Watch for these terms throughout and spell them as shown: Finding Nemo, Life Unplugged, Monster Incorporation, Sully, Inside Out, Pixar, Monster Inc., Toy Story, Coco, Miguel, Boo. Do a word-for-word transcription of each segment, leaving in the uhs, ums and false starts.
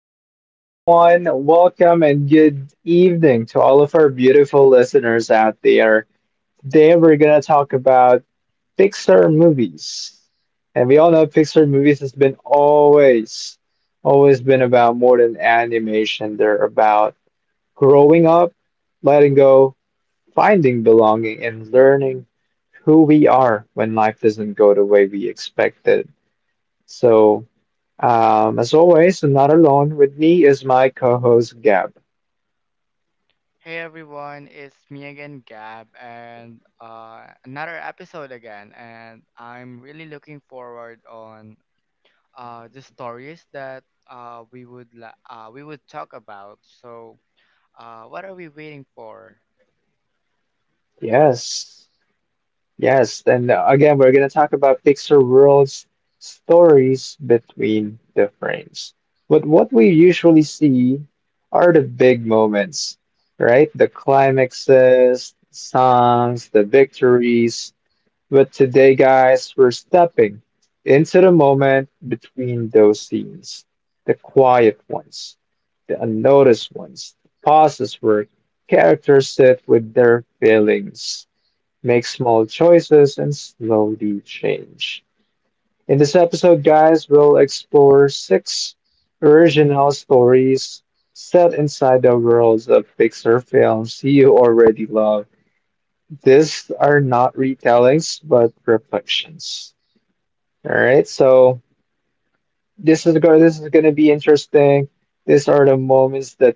hey, hey, everyone. Welcome and good evening to all of our beautiful listeners out there. Today, we're going to talk about Pixar movies. And we all know Pixar movies has been always, always been about more than animation. They're about growing up, letting go, finding belonging, and learning who we are when life doesn't go the way we expected. So, um, as always, I'm not alone. With me is my co-host Gab. Hey everyone, it's me again, Gab, and uh, another episode again. And I'm really looking forward on uh, the stories that uh, we would la- uh, we would talk about. So, uh, what are we waiting for? Yes, yes. And uh, again, we're gonna talk about Pixar World's stories between the frames. But what we usually see are the big moments, right? The climaxes, songs, the victories. But today, guys, we're stepping into the moment between those scenes, the quiet ones, the unnoticed ones, the pauses where characters sit with their feelings, make small choices, and slowly change. In this episode, guys, we'll explore six original stories set inside the worlds of Pixar films you already love. These are not retellings, but reflections. All right, so this is go this is gonna be interesting. These are the moments that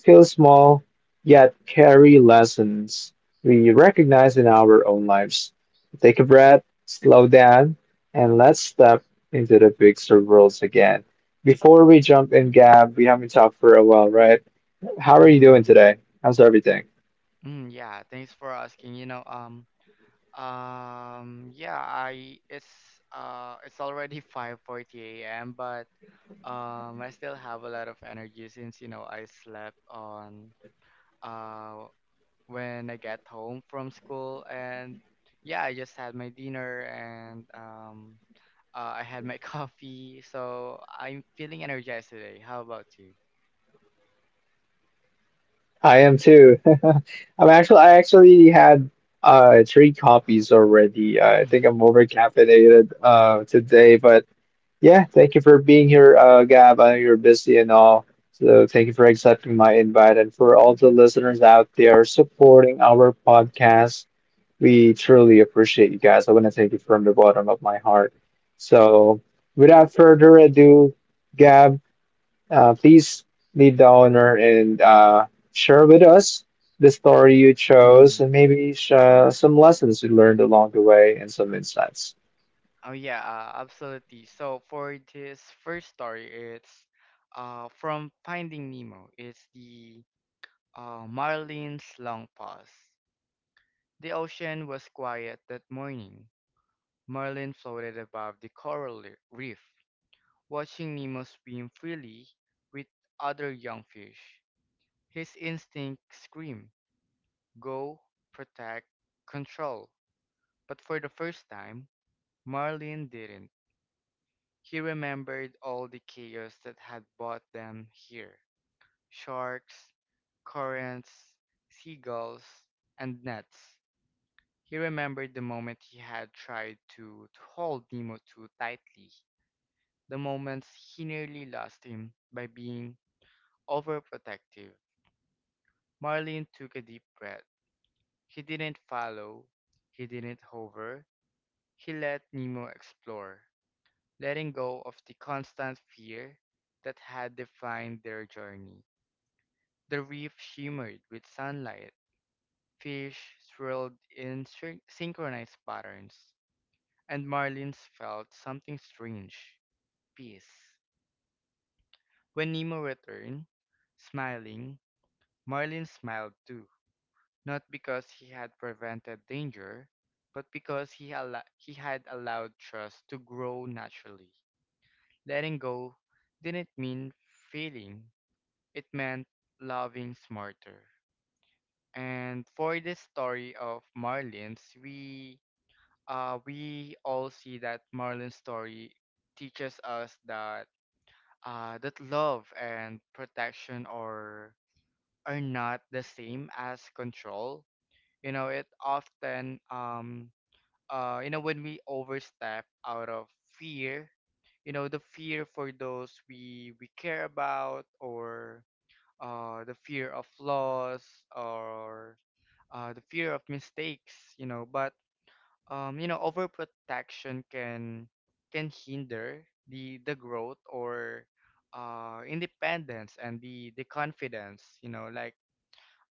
feel small yet carry lessons we recognize in our own lives. Take a breath, slow down, and let's step into the big circles again. Before we jump in, Gab, we haven't talked for a while, right? How are you doing Mm-hmm. today? How's everything? Mm, yeah, thanks for asking. You know, um, um, yeah, I it's uh, it's already five forty a m, but um, I still have a lot of energy since you know I slept on. Uh, when I get home from school. And yeah, I just had my dinner and um, uh, I had my coffee. So I'm feeling energized today. How about you? I am too. I'm actually I actually had uh three coffees already. Uh, I think I'm over caffeinated uh today, but yeah, thank you for being here, uh Gab. I know you're busy and all. So thank you for accepting my invite and for all the listeners out there supporting our podcast. We truly appreciate you guys. I want to thank you from the bottom of my heart. So without further ado, Gab. Uh, please lead the owner and uh, share with us the story you chose Mm. and maybe sh- uh, some lessons you learned along the way and some insights. Oh yeah, uh, absolutely. So for this first story, it's uh from Finding Nemo. It's the uh, Marlin's long pause. The ocean was quiet that morning. Marlin floated above the coral li- reef, watching Nemo swim freely with other young fish. His instincts scream, go, protect, control. But for the first time, Marlin didn't. He remembered all the chaos that had brought them here. Sharks, currents, seagulls, and nets. He remembered the moment he had tried to, to hold Nemo too tightly, the moments he nearly lost him by being overprotective. Marlin took a deep breath. He didn't follow. He didn't hover. He let Nemo explore, letting go of the constant fear that had defined their journey. The reef shimmered with sunlight. Fish swirled in syn- synchronized patterns, and Marlin felt something strange: peace. When Nemo returned, smiling, Marlin smiled too, not because he had prevented danger, but because he, al- he had allowed trust to grow naturally. Letting go didn't mean failing, it meant loving smarter. And for this story of Marlin's, we uh, we all see that Marlin's story teaches us that uh, that love and protection are are not the same as control. You know, it often um uh you know, when we overstep out of fear, you know, the fear for those we we care about, or uh the fear of loss, or uh the fear of mistakes, you know, but um you know, overprotection can can hinder the the growth, or uh independence and the the confidence, you know, like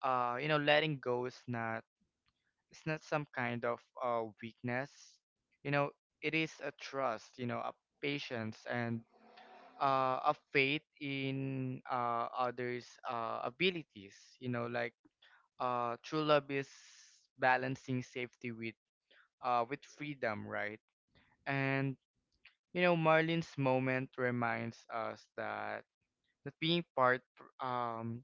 uh you know, letting go is not, it's not some kind of uh, weakness. You know, it is a trust, you know, a patience and uh, a faith in uh, others' uh, abilities. You know, like uh, true love is balancing safety with uh, with freedom, right? And you know, Marlin's moment reminds us that that being part um,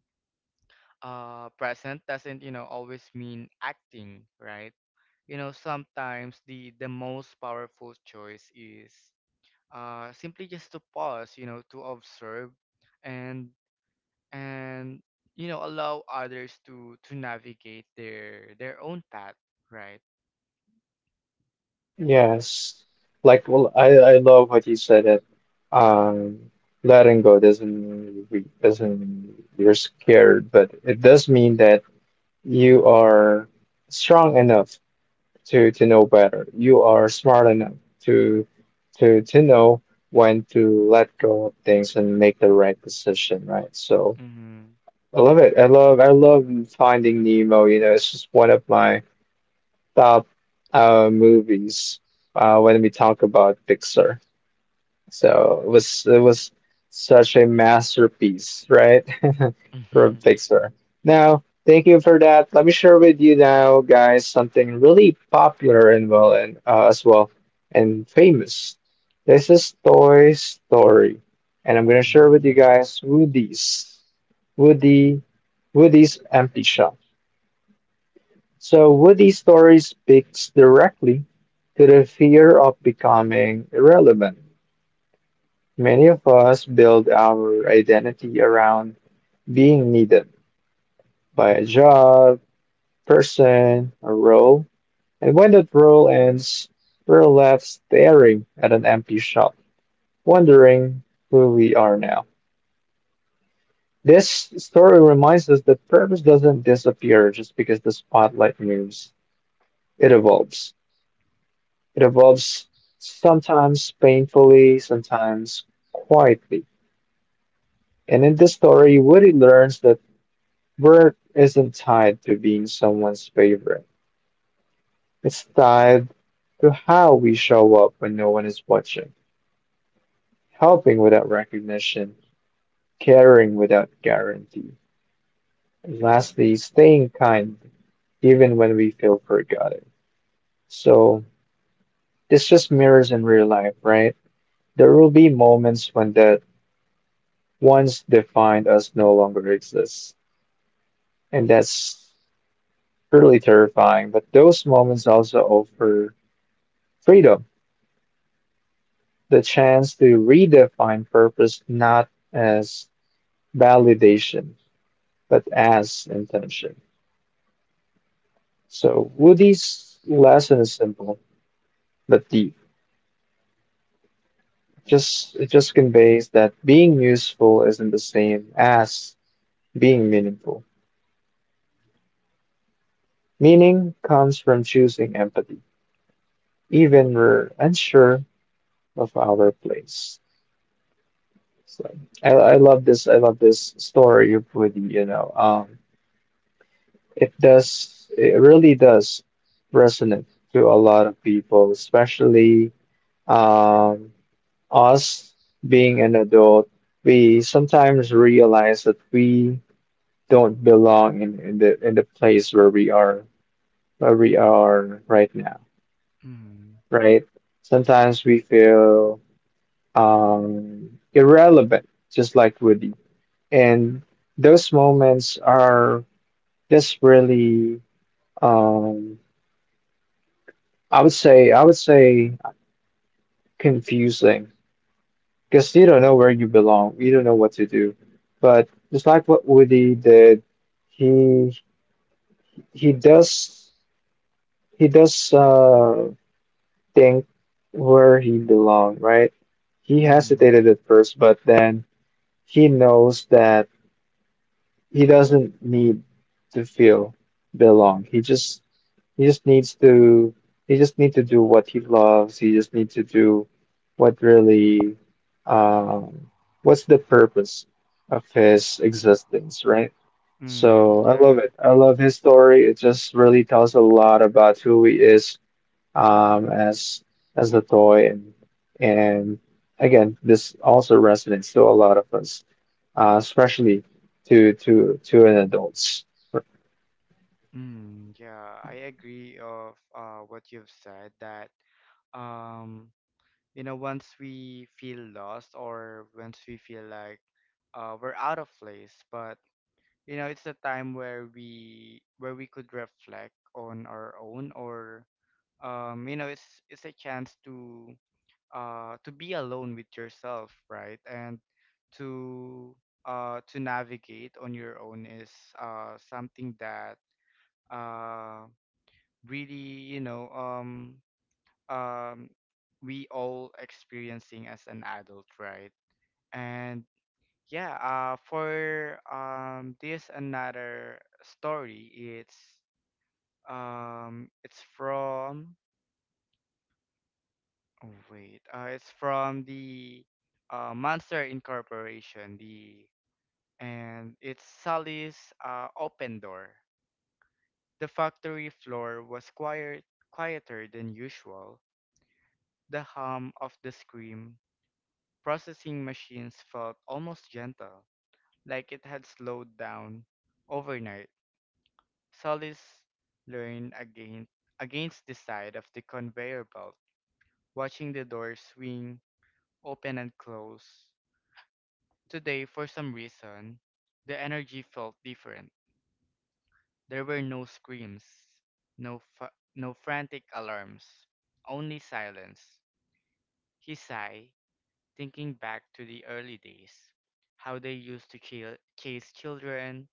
uh, present doesn't, you know, always mean acting, right? You know, sometimes the the most powerful choice is uh simply just to pause, you know, to observe and and you know, allow others to to navigate their their own path, right? Yes. Like, well, I, I love what you said that um, letting go doesn't, re- doesn't, you're scared, but it does mean that you are strong enough to to know better. You are smart enough to to to know when to let go of things and make the right decision, right? So Mhm. I love it. I love I love Finding Nemo. You know, it's just one of my top uh movies uh when we talk about Pixar. So it was it was such a masterpiece, right? From Mhm. Pixar. Now, thank you for that. Let me share with you now, guys, something really popular and well and uh, as well and famous. This is Toy Story, and I'm gonna share with you Mm. guys Woody's Woody Woody's Empty Shell. So Woody's story speaks directly to the fear of becoming irrelevant. Many of us build our identity around being needed by a job, person, a role, and when that role ends, we're left staring at an empty shop, wondering who we are now. This story reminds us that purpose doesn't disappear just because the spotlight moves. It evolves. It evolves sometimes painfully, sometimes quietly. And in this story, Woody learns that work isn't tied to being someone's favorite. It's tied to how we show up when no one is watching, helping without recognition, caring without guarantee, and lastly, staying kind even when we feel forgotten. So, this just mirrors in real life, right? There will be moments when that once defined us no longer exists, and that's really terrifying, but those moments also offer freedom, the chance to redefine purpose not as validation, but as intention. So Woody's lesson is simple but deep. Just it just conveys that being useful isn't the same as being meaningful. Meaning comes from choosing empathy, even we're unsure of our place. So I, I love this. I love this story of Woody. You know, um, It does, it really does resonate to a lot of people, especially um, us being an adult. We sometimes realize that we don't belong in, in the in the place where we are where we are right now, Mm. right? Sometimes we feel um, irrelevant, just like Woody. And those moments are just really, um, I would say I would say confusing because you don't know where you belong. You don't know what to do. But just like what Woody did, he he does he does uh think where he belong, right? He Mm. hesitated at first, but then he knows that he doesn't need to feel belong. He just He just needs to he just need to do what he loves. He just needs to do what really um what's the purpose of his existence, right? So Mm. I Yeah. love it. I love his story. It just really tells a lot about who he is um as as a toy, and and again this also resonates to a lot of us, uh, especially to to to an adults. Mm, yeah, I agree of uh what you've said, that um you know, once we feel lost, or once we feel like uh, we're out of place, but you know, it's a time where we where we could reflect on our own, or um you know, it's it's a chance to uh to be alone with yourself, right? And to uh to navigate on your own is uh something that uh really you know, um um we all experiencing as an adult, right? And yeah, uh for um this another story, it's um it's from, oh wait, uh it's from the uh Monster Incorporation, the and it's Sally's uh open door. The factory floor was quiet, quieter than usual. The hum of the scream processing machines felt almost gentle, like it had slowed down overnight. Solis leaned again, against the side of the conveyor belt, watching the door swing open and close. Today, for some reason, the energy felt different. There were no screams, no, fa- no frantic alarms, only silence. He sighed, thinking back to the early days, how they used to chil- chase children,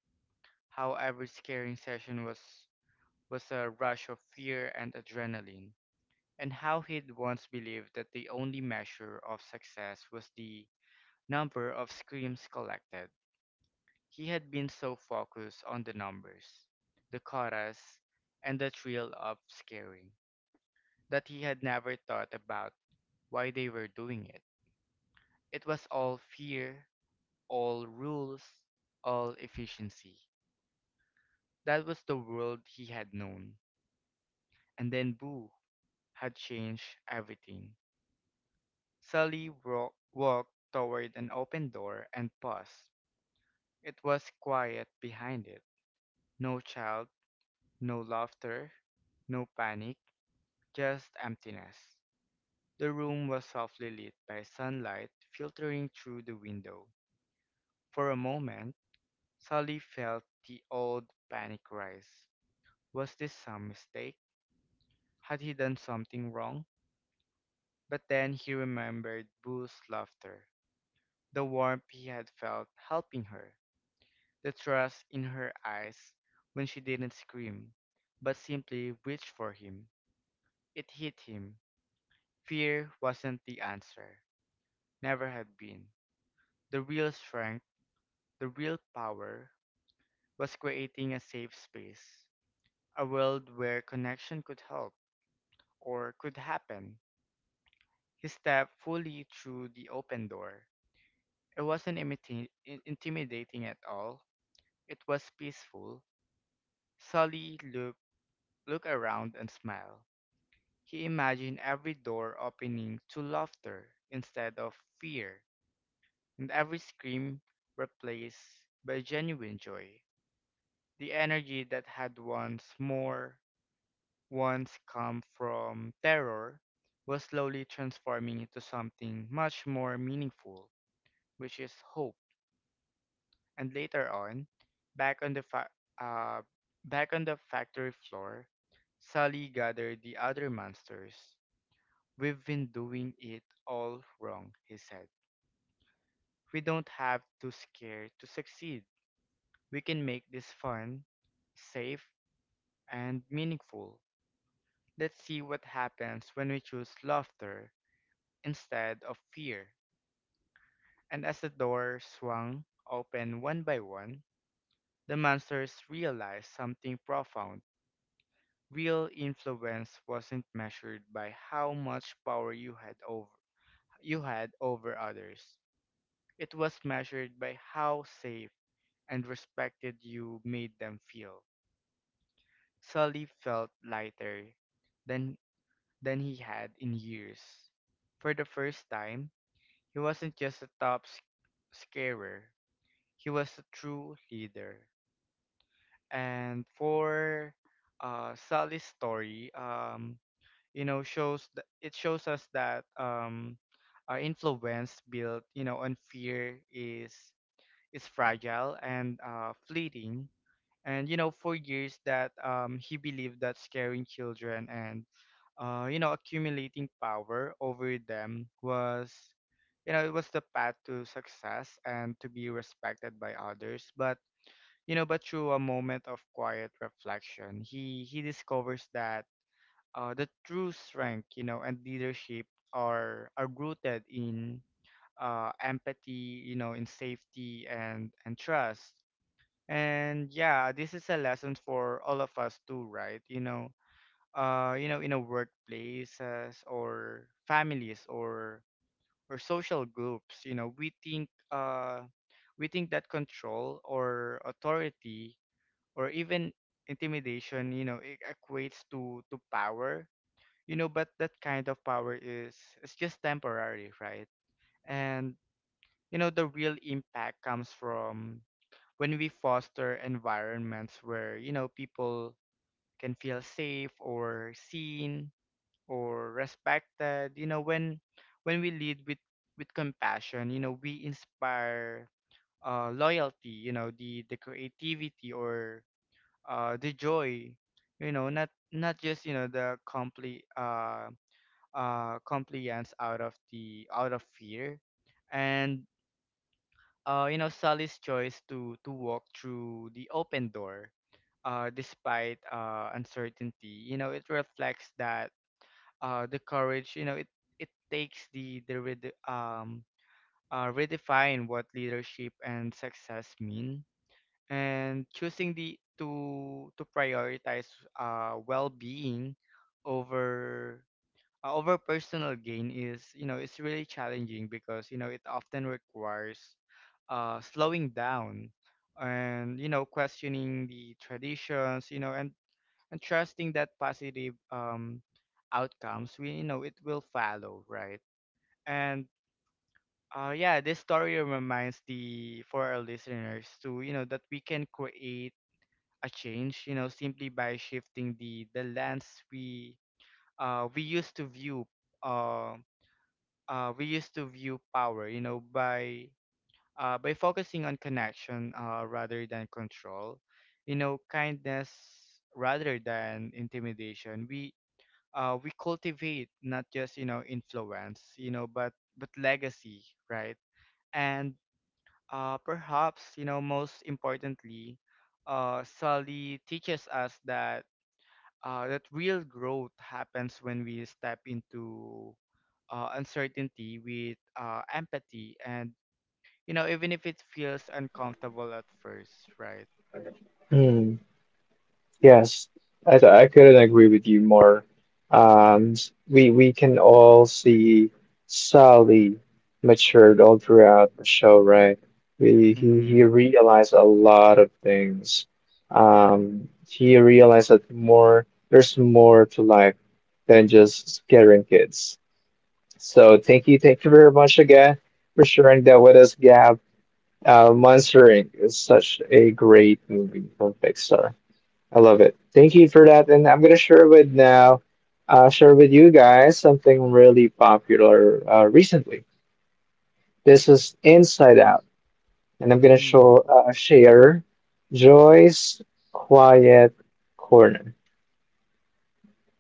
how every scaring session was was a rush of fear and adrenaline, and how he'd once believed that the only measure of success was the number of screams collected. He had been so focused on the numbers, the chorus, and the thrill of scaring, that he had never thought about why they were doing it. It was all fear, all rules, all efficiency. That was the world he had known. And then, Boo had changed everything. Sally wa- walked toward an open door and paused. It was quiet behind it. No child, no laughter, no panic, just emptiness. The room was softly lit by sunlight filtering through the window. For a moment, Sally felt the old panic rise. Was this some mistake? Had he done something wrong? But then he remembered Boo's laughter, the warmth he had felt helping her, the trust in her eyes when she didn't scream, but simply reached for him. It hit him. Fear wasn't the answer, never had been. The real strength, the real power, was creating a safe space, a world where connection could help or could happen. He stepped fully through the open door. It wasn't imiti- intimidating at all. It was peaceful. Sully looked look around and smile. He imagined every door opening to laughter instead of fear, and every scream replaced by genuine joy. The energy that had once more once come from terror was slowly transforming into something much more meaningful, which is hope. And later on, back on the fa- uh, back on the factory floor, Sally gathered the other monsters. We've been doing it all wrong, he said. We don't have to scare to succeed. We can make this fun, safe, and meaningful. Let's see what happens when we choose laughter instead of fear. And as the door swung open one by one, the monsters realized something profound. Real influence wasn't measured by how much power you had over you had over others. It was measured by how safe and respected you made them feel. Sully felt lighter than than he had in years. For the first time, he wasn't just a top sc- scarer. He was a true leader. And for uh, Sully's story, um, you know, shows th- it shows us that um, uh, influence built, you know, on fear is is fragile and uh, fleeting, and you know, for years that um, he believed that scaring children and uh, you know, accumulating power over them was, you know, it was the path to success and to be respected by others, but you know, but through a moment of quiet reflection, he he discovers that uh, the true strength, you know, and leadership are are rooted in uh, empathy, you know, in safety and and trust. And yeah, this is a lesson for all of us too, right? You know, uh, you know, in a workplaces or families or or social groups, you know, we think uh we think that control or authority or even intimidation, you know, it equates to to power, you know, but that kind of power is, it's just temporary, right? And you know, the real impact comes from when we foster environments where, you know, people can feel safe or seen or respected, you know, when when we lead with with compassion, you know, we inspire uh loyalty, you know, the the creativity, or uh the joy, you know, not not just, you know, the compli uh uh compliance out of the out of fear. And uh, you know, Sally's choice to to walk through the open door, uh, despite uh, uncertainty, you know, it reflects that uh, the courage, you know, it it takes the the rede um uh, redefine what leadership and success mean, and choosing the to to prioritize uh, well-being over uh, over personal gain is, you know, it's really challenging because you know, it often requires uh, slowing down and you know, questioning the traditions, you know, and and trusting that positive um outcomes, we you know, it will follow, right? And uh yeah, this story reminds the for our listeners to, you know, that we can create a change, you know, simply by shifting the the lens we uh we used to view uh uh, we used to view power, you know, by uh, by focusing on connection uh, rather than control, you know, kindness rather than intimidation. We uh, we cultivate not just, you know, influence, you know, but but legacy, right? And uh, perhaps you know, most importantly, uh, Sully teaches us that uh, that real growth happens when we step into uh, uncertainty with uh, empathy, and you know, even if it feels uncomfortable at first, right? Yes, I th- I couldn't agree with you more. Um, we we can all see Sally matured all throughout the show, right? We, he he Mm-hmm. realized a lot of things. Um, he realized that more there's more to life than just scaring kids. So thank you, thank you very much again for sharing that with us, Gab. Uh, Monster Inc is such a great movie from Pixar. I love it. Thank you for that. And I'm gonna share with now, uh, share with you guys something really popular uh, recently. This is Inside Out, and I'm gonna Mm-hmm. show uh, share Joy's quiet corner.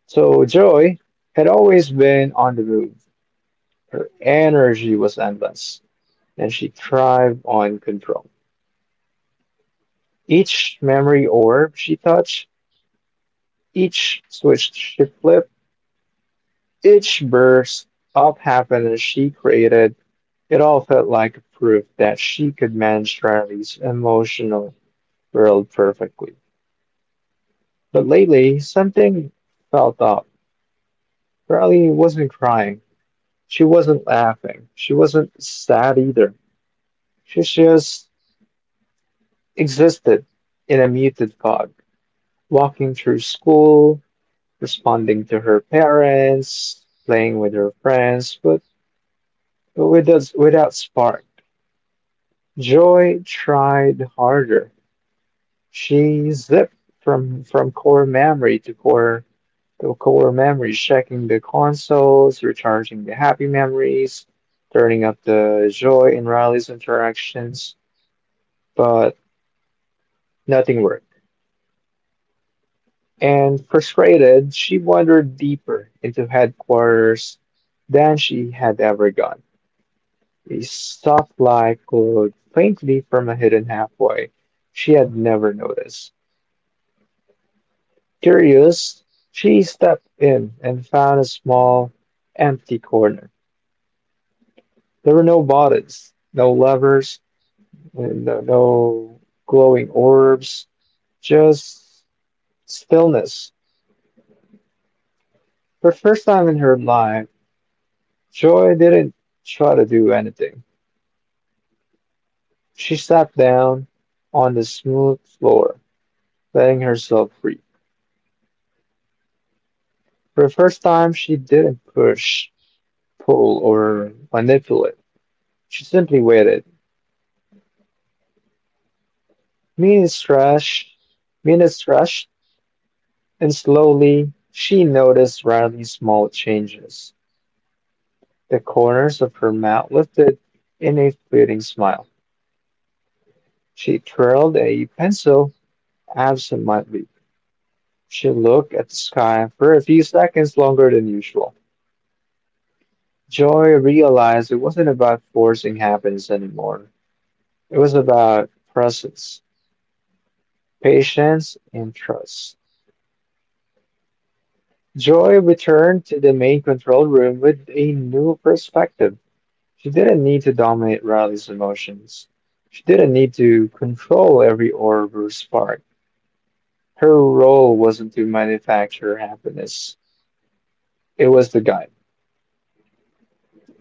So Joy had always been on the move. Her energy was endless, and she thrived on control. Each memory orb she touched, each switch she flipped, each burst of happiness she created, it all felt like proof that she could manage Riley's emotional world perfectly. But lately, something felt off. Riley wasn't crying. She wasn't laughing. She wasn't sad either. She just existed in a muted fog, walking through school, responding to her parents, playing with her friends, but, but without, without spark. Joy tried harder. She zipped from from core memory to core to core memories, checking the consoles, recharging the happy memories, turning up the joy in Riley's interactions, but nothing worked. And frustrated, she wandered deeper into headquarters than she had ever gone. A soft light glowed faintly from a hidden halfway she had never noticed. Curious, she stepped in and found a small, empty corner. There were no buttons, no levers, and no, no glowing orbs, just stillness. For the first time in her life, Joy didn't try to do anything. She sat down on the smooth floor, letting herself free. For the first time, she didn't push, pull, or manipulate. She simply waited. Minutes rushed, minutes rushed, and slowly she noticed Riley's small changes. The corners of her mouth lifted in a fleeting smile. She twirled a pencil absentmindedly. She looked at the sky for a few seconds longer than usual. Joy realized it wasn't about forcing happiness anymore. It was about presence, patience, and trust. Joy returned to the main control room with a new perspective. She didn't need to dominate Riley's emotions. She didn't need to control every orb or spark. Her role wasn't to manufacture happiness. It was to guide.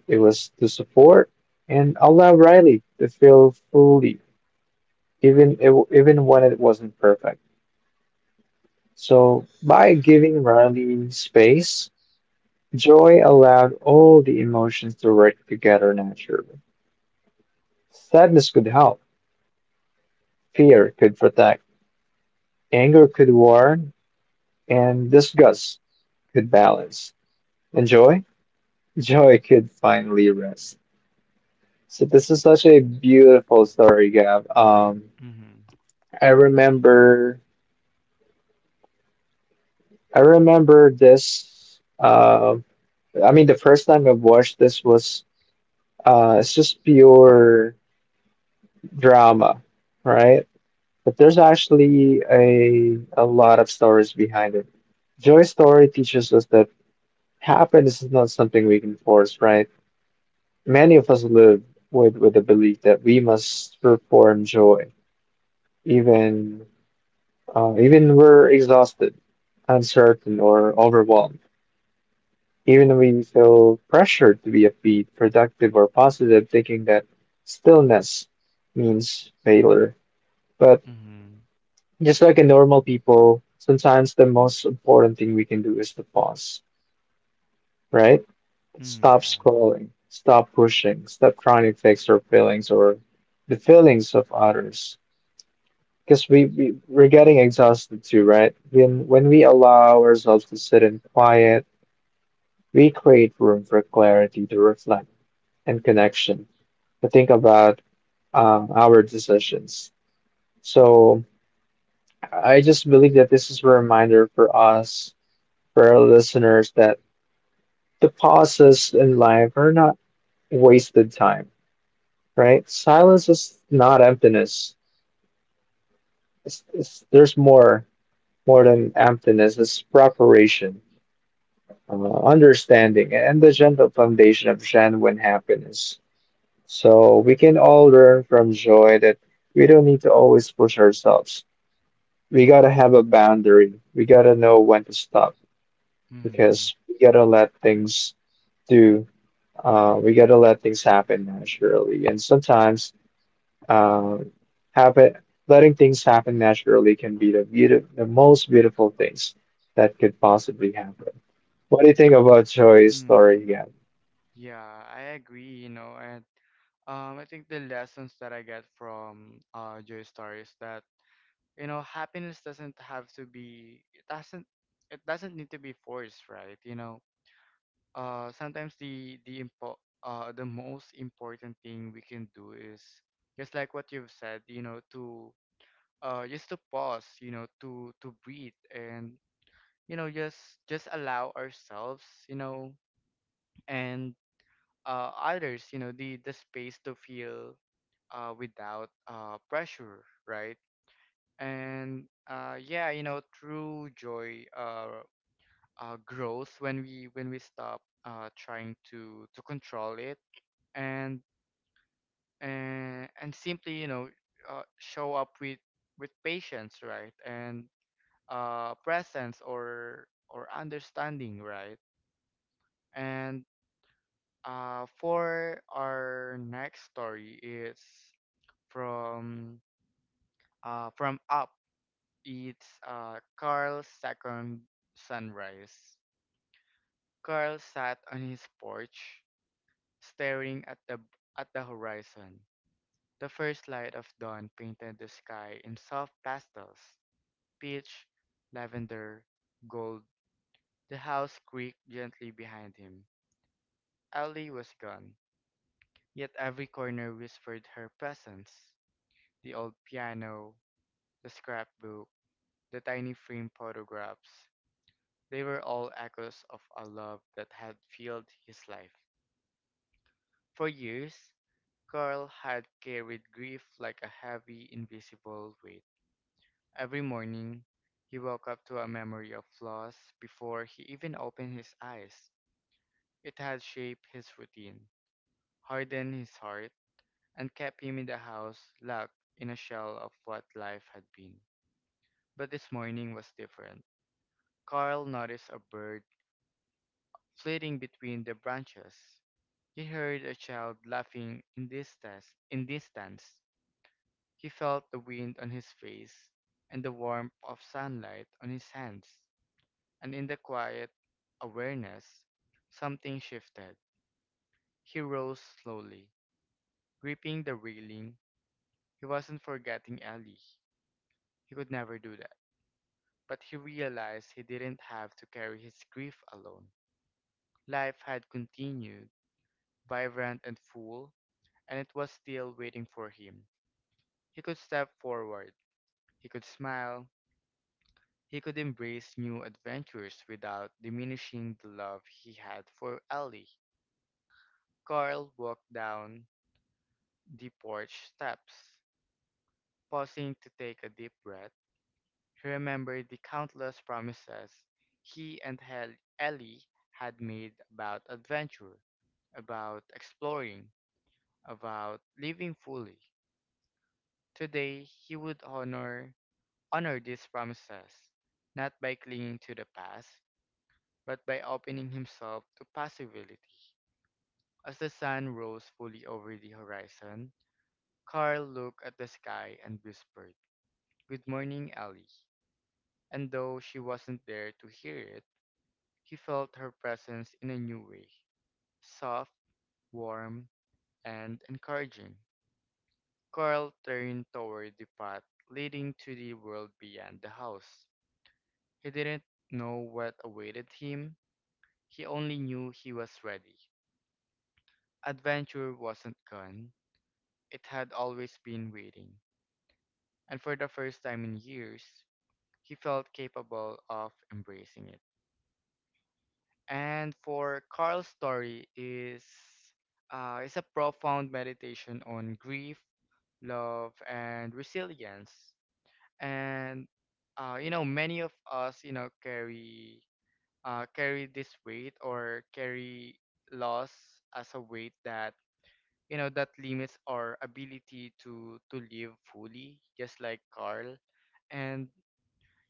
It was to support and allow Riley to feel fully, even if- even when it wasn't perfect. So by giving Riley space, joy allowed all the emotions to work together naturally. Sadness could help, fear could protect, anger could warn, and disgust could balance, and joy, joy could finally rest. So this is such a beautiful story, Gab. Um, mm-hmm. I remember, I remember this. Uh, I mean, the first time I've watched this was, uh, it's just pure drama, right? But there's actually a a lot of stories behind it. Joy's story teaches us that happiness is not something we can force, right? Many of us live with, with the belief that we must perform joy, even uh, even we're exhausted, uncertain, or overwhelmed. Even when we feel pressured to be upbeat, productive, or positive, thinking that stillness means failure. But Mm-hmm. just like a normal people, sometimes the most important thing we can do is to pause, right? Mm, Stop yeah. scrolling, stop pushing, stop trying to fix our feelings or the feelings of others. Because we, we we're getting exhausted too, right? When when we allow ourselves to sit in quiet, we create room for clarity to reflect and connection to think about um, our decisions. So I just believe that this is a reminder for us, for our listeners, that the pauses in life are not wasted time, right? Silence is not emptiness. It's, it's, there's more more than emptiness. It's preparation, uh, understanding and the gentle foundation of genuine happiness. So we can all learn from joy that we don't need to always push ourselves. We gotta have a boundary. We gotta know when to stop Mm-hmm. because we gotta let things do. Uh, we gotta let things happen naturally. And sometimes, uh, happen letting things happen naturally can be the beautiful, the most beautiful things that could possibly happen. What do you think about Joy's story, Mm. Gab? Yeah, I agree, you know, and um I think the lessons that I get from uh Joy story is that you know happiness doesn't have to be it doesn't it doesn't need to be forced, right? You know uh sometimes the the impo- uh the most important thing we can do is just like what you've said, you know, to uh just to pause, you know, to to breathe and you know just just allow ourselves, you know, and uh others, you know, the the space to feel uh without uh pressure, right? And uh yeah, you know, true joy uh uh grows when we when we stop uh trying to to control it. And and and simply, you know, uh, show up with with patience, right, and uh presence or or understanding, right? And uh for our next story is from uh from Up. It's uh Carl's Second Sunrise. Carl sat on his porch staring at the at the horizon. The first light of dawn painted the sky in soft pastels, peach, lavender, gold. The house creaked gently behind him. Ellie was gone, yet every corner whispered her presence. The old piano, the scrapbook, the tiny framed photographs, they were all echoes of a love that had filled his life. For years, Carl had carried grief like a heavy, invisible weight. Every morning, he woke up to a memory of flaws before he even opened his eyes. It had shaped his routine, hardened his heart, and kept him in the house locked in a shell of what life had been. But this morning was different. Carl noticed a bird flitting between the branches. He heard a child laughing in distance, in distance. He felt the wind on his face and the warmth of sunlight on his hands. And in the quiet awareness, something shifted. He rose slowly, gripping the railing. He wasn't forgetting Ellie. He could never do that. But he realized he didn't have to carry his grief alone. Life had continued, vibrant and full, and it was still waiting for him. He could step forward, he could smile, he could embrace new adventures without diminishing the love he had for Ellie. Carl walked down the porch steps. Pausing to take a deep breath, he remembered the countless promises he and Hel- Ellie had made about adventure, about exploring, about living fully. Today, he would honor honor these promises, not by clinging to the past, but by opening himself to possibility. As the sun rose fully over the horizon, Carl looked at the sky and whispered, "Good morning, Ellie." And though she wasn't there to hear it, he felt her presence in a new way, soft, warm, and encouraging. Carl turned toward the path leading to the world beyond the house. He didn't know what awaited him, he only knew he was ready. Adventure wasn't gone, it had always been waiting, and for the first time in years, he felt capable of embracing it. And for Carl's story is uh, is a profound meditation on grief, love, and resilience. And uh, you know, many of us, you know, carry uh, carry this weight or carry loss as a weight that you know that limits our ability to to live fully, just like Carl. And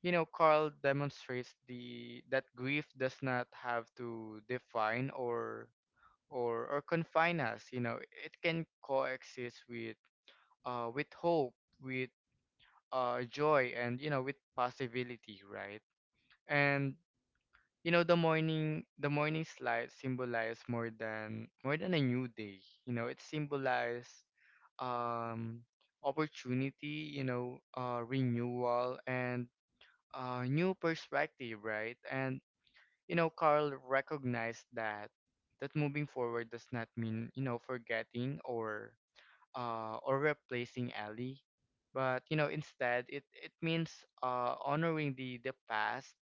you know, Carl demonstrates the that grief does not have to define or or or confine us. You know, it can coexist with uh with hope, with uh joy, and you know with possibility, right? And you know the morning the morning light symbolize more than more than a new day. You know, it symbolizes um opportunity. You know, uh renewal and uh, new perspective, right? And you know, Carl recognized that that moving forward does not mean you know forgetting or uh, or replacing Ellie, but you know instead it it means uh, honoring the the past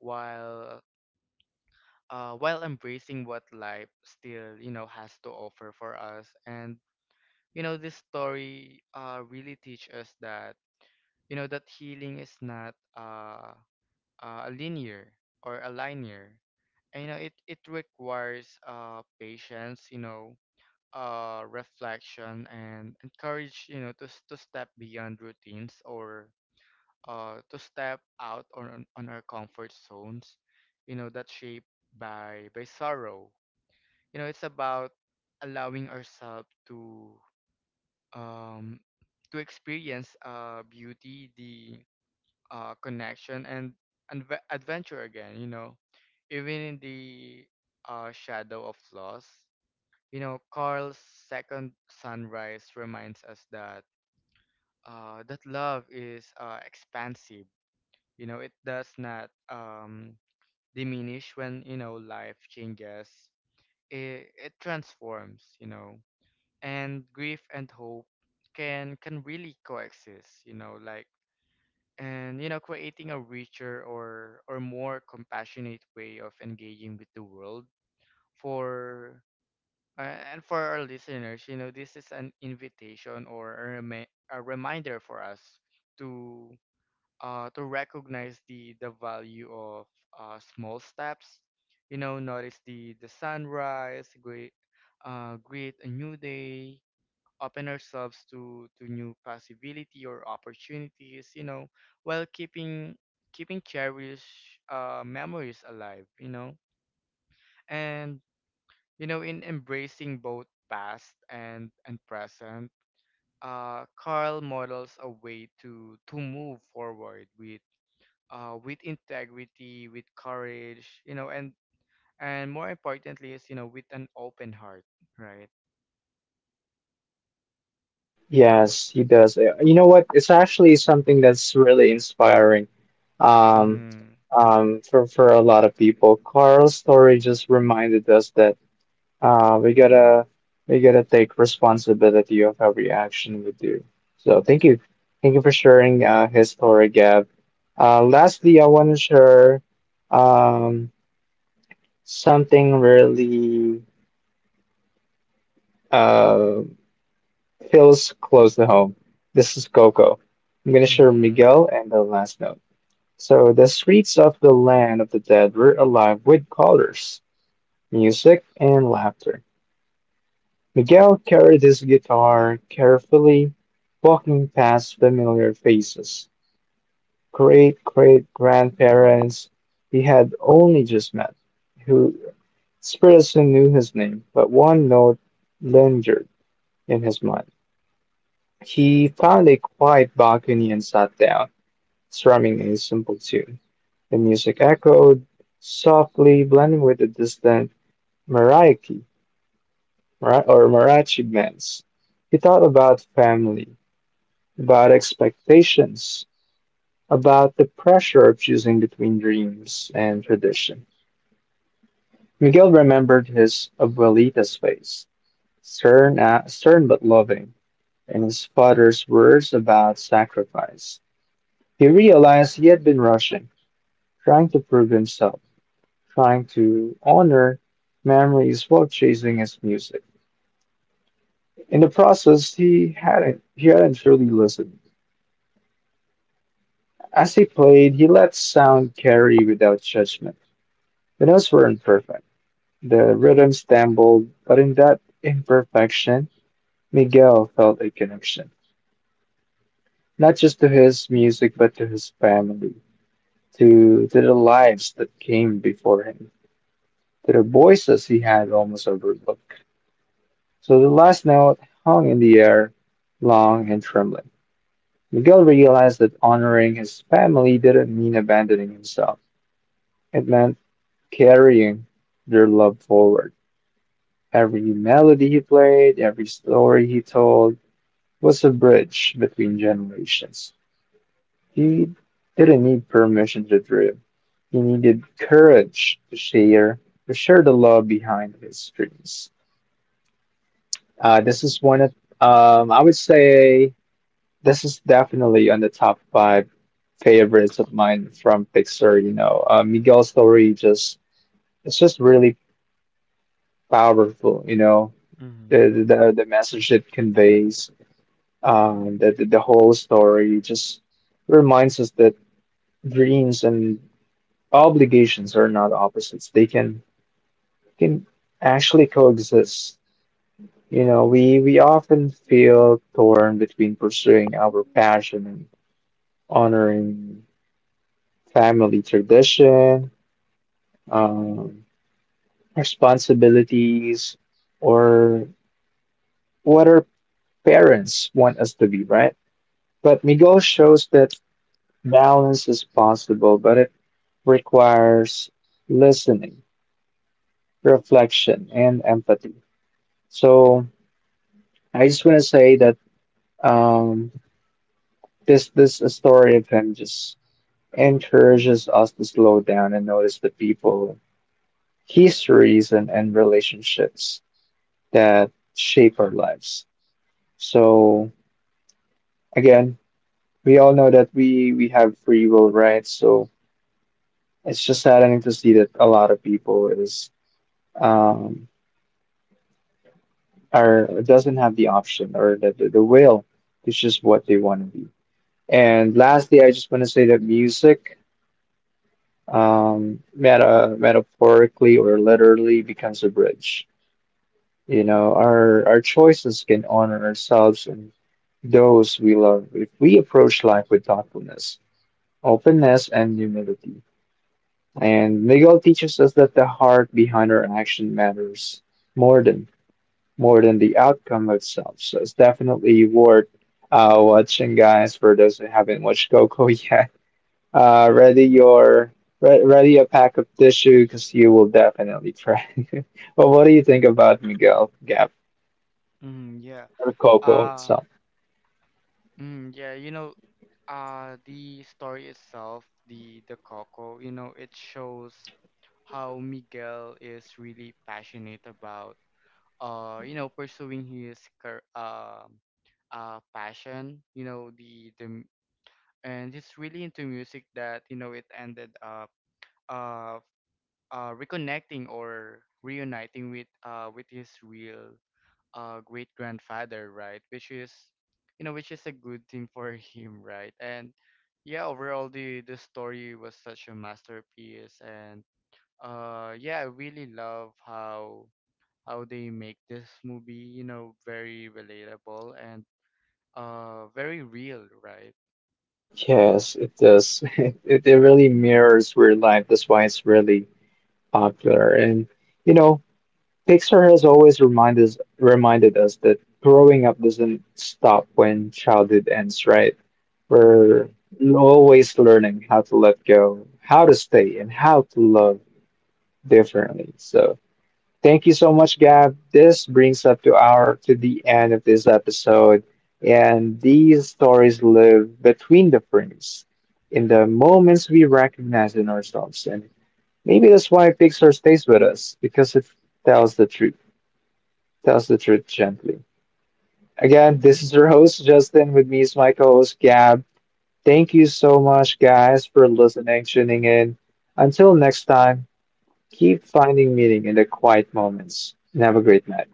while uh, while embracing what life still you know has to offer for us. And you know this story uh, really teach us that you know that healing is not uh, uh, a linear or a linear and you know it it requires uh patience, you know, uh reflection and encourage, you know, to s- to step beyond routines or uh to step out on on our comfort zones, you know, that shaped by by sorrow. You know, it's about allowing ourselves to um to experience uh beauty, the uh, connection and adve- adventure again. You know, even in the uh, shadow of loss, you know, Carl's Second Sunrise reminds us that uh, that love is uh, expansive. You know, it does not um, diminish when you know life changes. It, it transforms. You know, and grief and hope can can really coexist. You know, like and you know creating a richer or or more compassionate way of engaging with the world for uh, and for our listeners, you know, this is an invitation or a, remi- a reminder for us to uh to recognize the the value of uh small steps, you know, notice the the sunrise, great uh greet a new day, open ourselves to to new possibility or opportunities, you know, while keeping keeping cherished uh memories alive, you know. And you know in embracing both past and and present, uh Carl models a way to to move forward with uh with integrity, with courage, you know, and and more importantly is you know with an open heart, right. Yes, he does. Uh, You know what? It's actually something that's really inspiring. Um, Mhm. um, for for a lot of people, Carl's story just reminded us that uh, we gotta we gotta take responsibility of every action we do. So thank you, thank you for sharing uh, his story, Gab. Uh, lastly, I want to share um something really. Uh, Feels close to home. This is Coco. I'm gonna share Mhm. Miguel and the last note. So the streets of the land of the dead were alive with colors, music, and laughter. Miguel carried his guitar carefully, walking past familiar faces. Great great grandparents he had only just met, who spirits who knew his name, but one note lingered in his mind. He found a quiet balcony and sat down, strumming a simple tune. The music echoed softly, blending with the distant mariachi mara- or mariachi bands. He thought about family, about expectations, about the pressure of choosing between dreams and tradition. Miguel remembered his abuelita's face, stern, uh, stern but loving, and his father's words about sacrifice. He realized he had been rushing, trying to prove himself, trying to honor memories while chasing his music. In the process, he hadn't he hadn't truly listened. As he played, he let sound carry without judgment. The notes were imperfect. The rhythm stumbled, but in that imperfection, Miguel felt a connection, not just to his music, but to his family, to to the lives that came before him, to the voices he had almost overlooked. So the last note hung in the air, long and trembling. Miguel realized that honoring his family didn't mean abandoning himself. It meant carrying their love forward. Every melody he played, every story he told was a bridge between generations. He didn't need permission to dream. He needed courage to share, to share the love behind his dreams. Uh, this is one of, um, I would say, this is definitely on the top five favorites of mine from Pixar, you know. Uh, Miguel's story just it's just really powerful, you know. Mhm. The the the message it conveys, um, the the, the whole story just reminds us that dreams and obligations are not opposites. They can can actually coexist. You know, we we often feel torn between pursuing our passion and honoring family tradition, um, responsibilities, or what our parents want us to be, right? But Miguel shows that balance is possible, but it requires listening, reflection, and empathy. So I just want to say that um, this this story of him just encourages us to slow down and notice the people, histories, and, and relationships that shape our lives. So again, we all know that we we have free will, right? So it's just saddening to see that a lot of people is um are doesn't have the option or the the, the will. It's just what they want to be. And lastly, I just want to say that music um meta metaphorically or literally becomes a bridge. You know, our our choices can honor ourselves and those we love if we approach life with thoughtfulness, openness, and humility. And Miguel teaches us that the heart behind our action matters more than more than the outcome itself. So it's definitely worth uh, watching, guys. For those who haven't watched Coco yet, uh, ready your re- ready a pack of tissue because you will definitely cry. But what do you think about Miguel, Gap, Mm-hmm. Yeah. or Coco Um, itself? mm, yeah, you know, uh, the story itself, the the Coco, you know, it shows how Miguel is really passionate about, uh, you know, pursuing his car um uh, passion. You know, the the m- and he's really into music that you know it ended up uh uh reconnecting or reuniting with uh with his real uh great grandfather, right? Which is you know, which is a good thing for him, right? And yeah, overall the the story was such a masterpiece and uh yeah, I really love how how they make this movie, you know, very relatable and uh very real, right? Yes, it does. It, it really mirrors real life. That's why it's really popular. And you know, Pixar has always reminded us, reminded us that growing up doesn't stop when childhood ends, right? We're always learning how to let go, how to stay, and how to love differently. So, thank you so much, Gab. This brings up to our to the end of this episode, and these stories live between the frames, in the moments we recognize in ourselves, and maybe that's why Pixar stays with us because it tells the truth tells the truth gently. Again, this is your host, Justin. With me is my co host, Gab. Thank you so much, guys, for listening, tuning in. Until next time, keep finding meaning in the quiet moments and have a great night.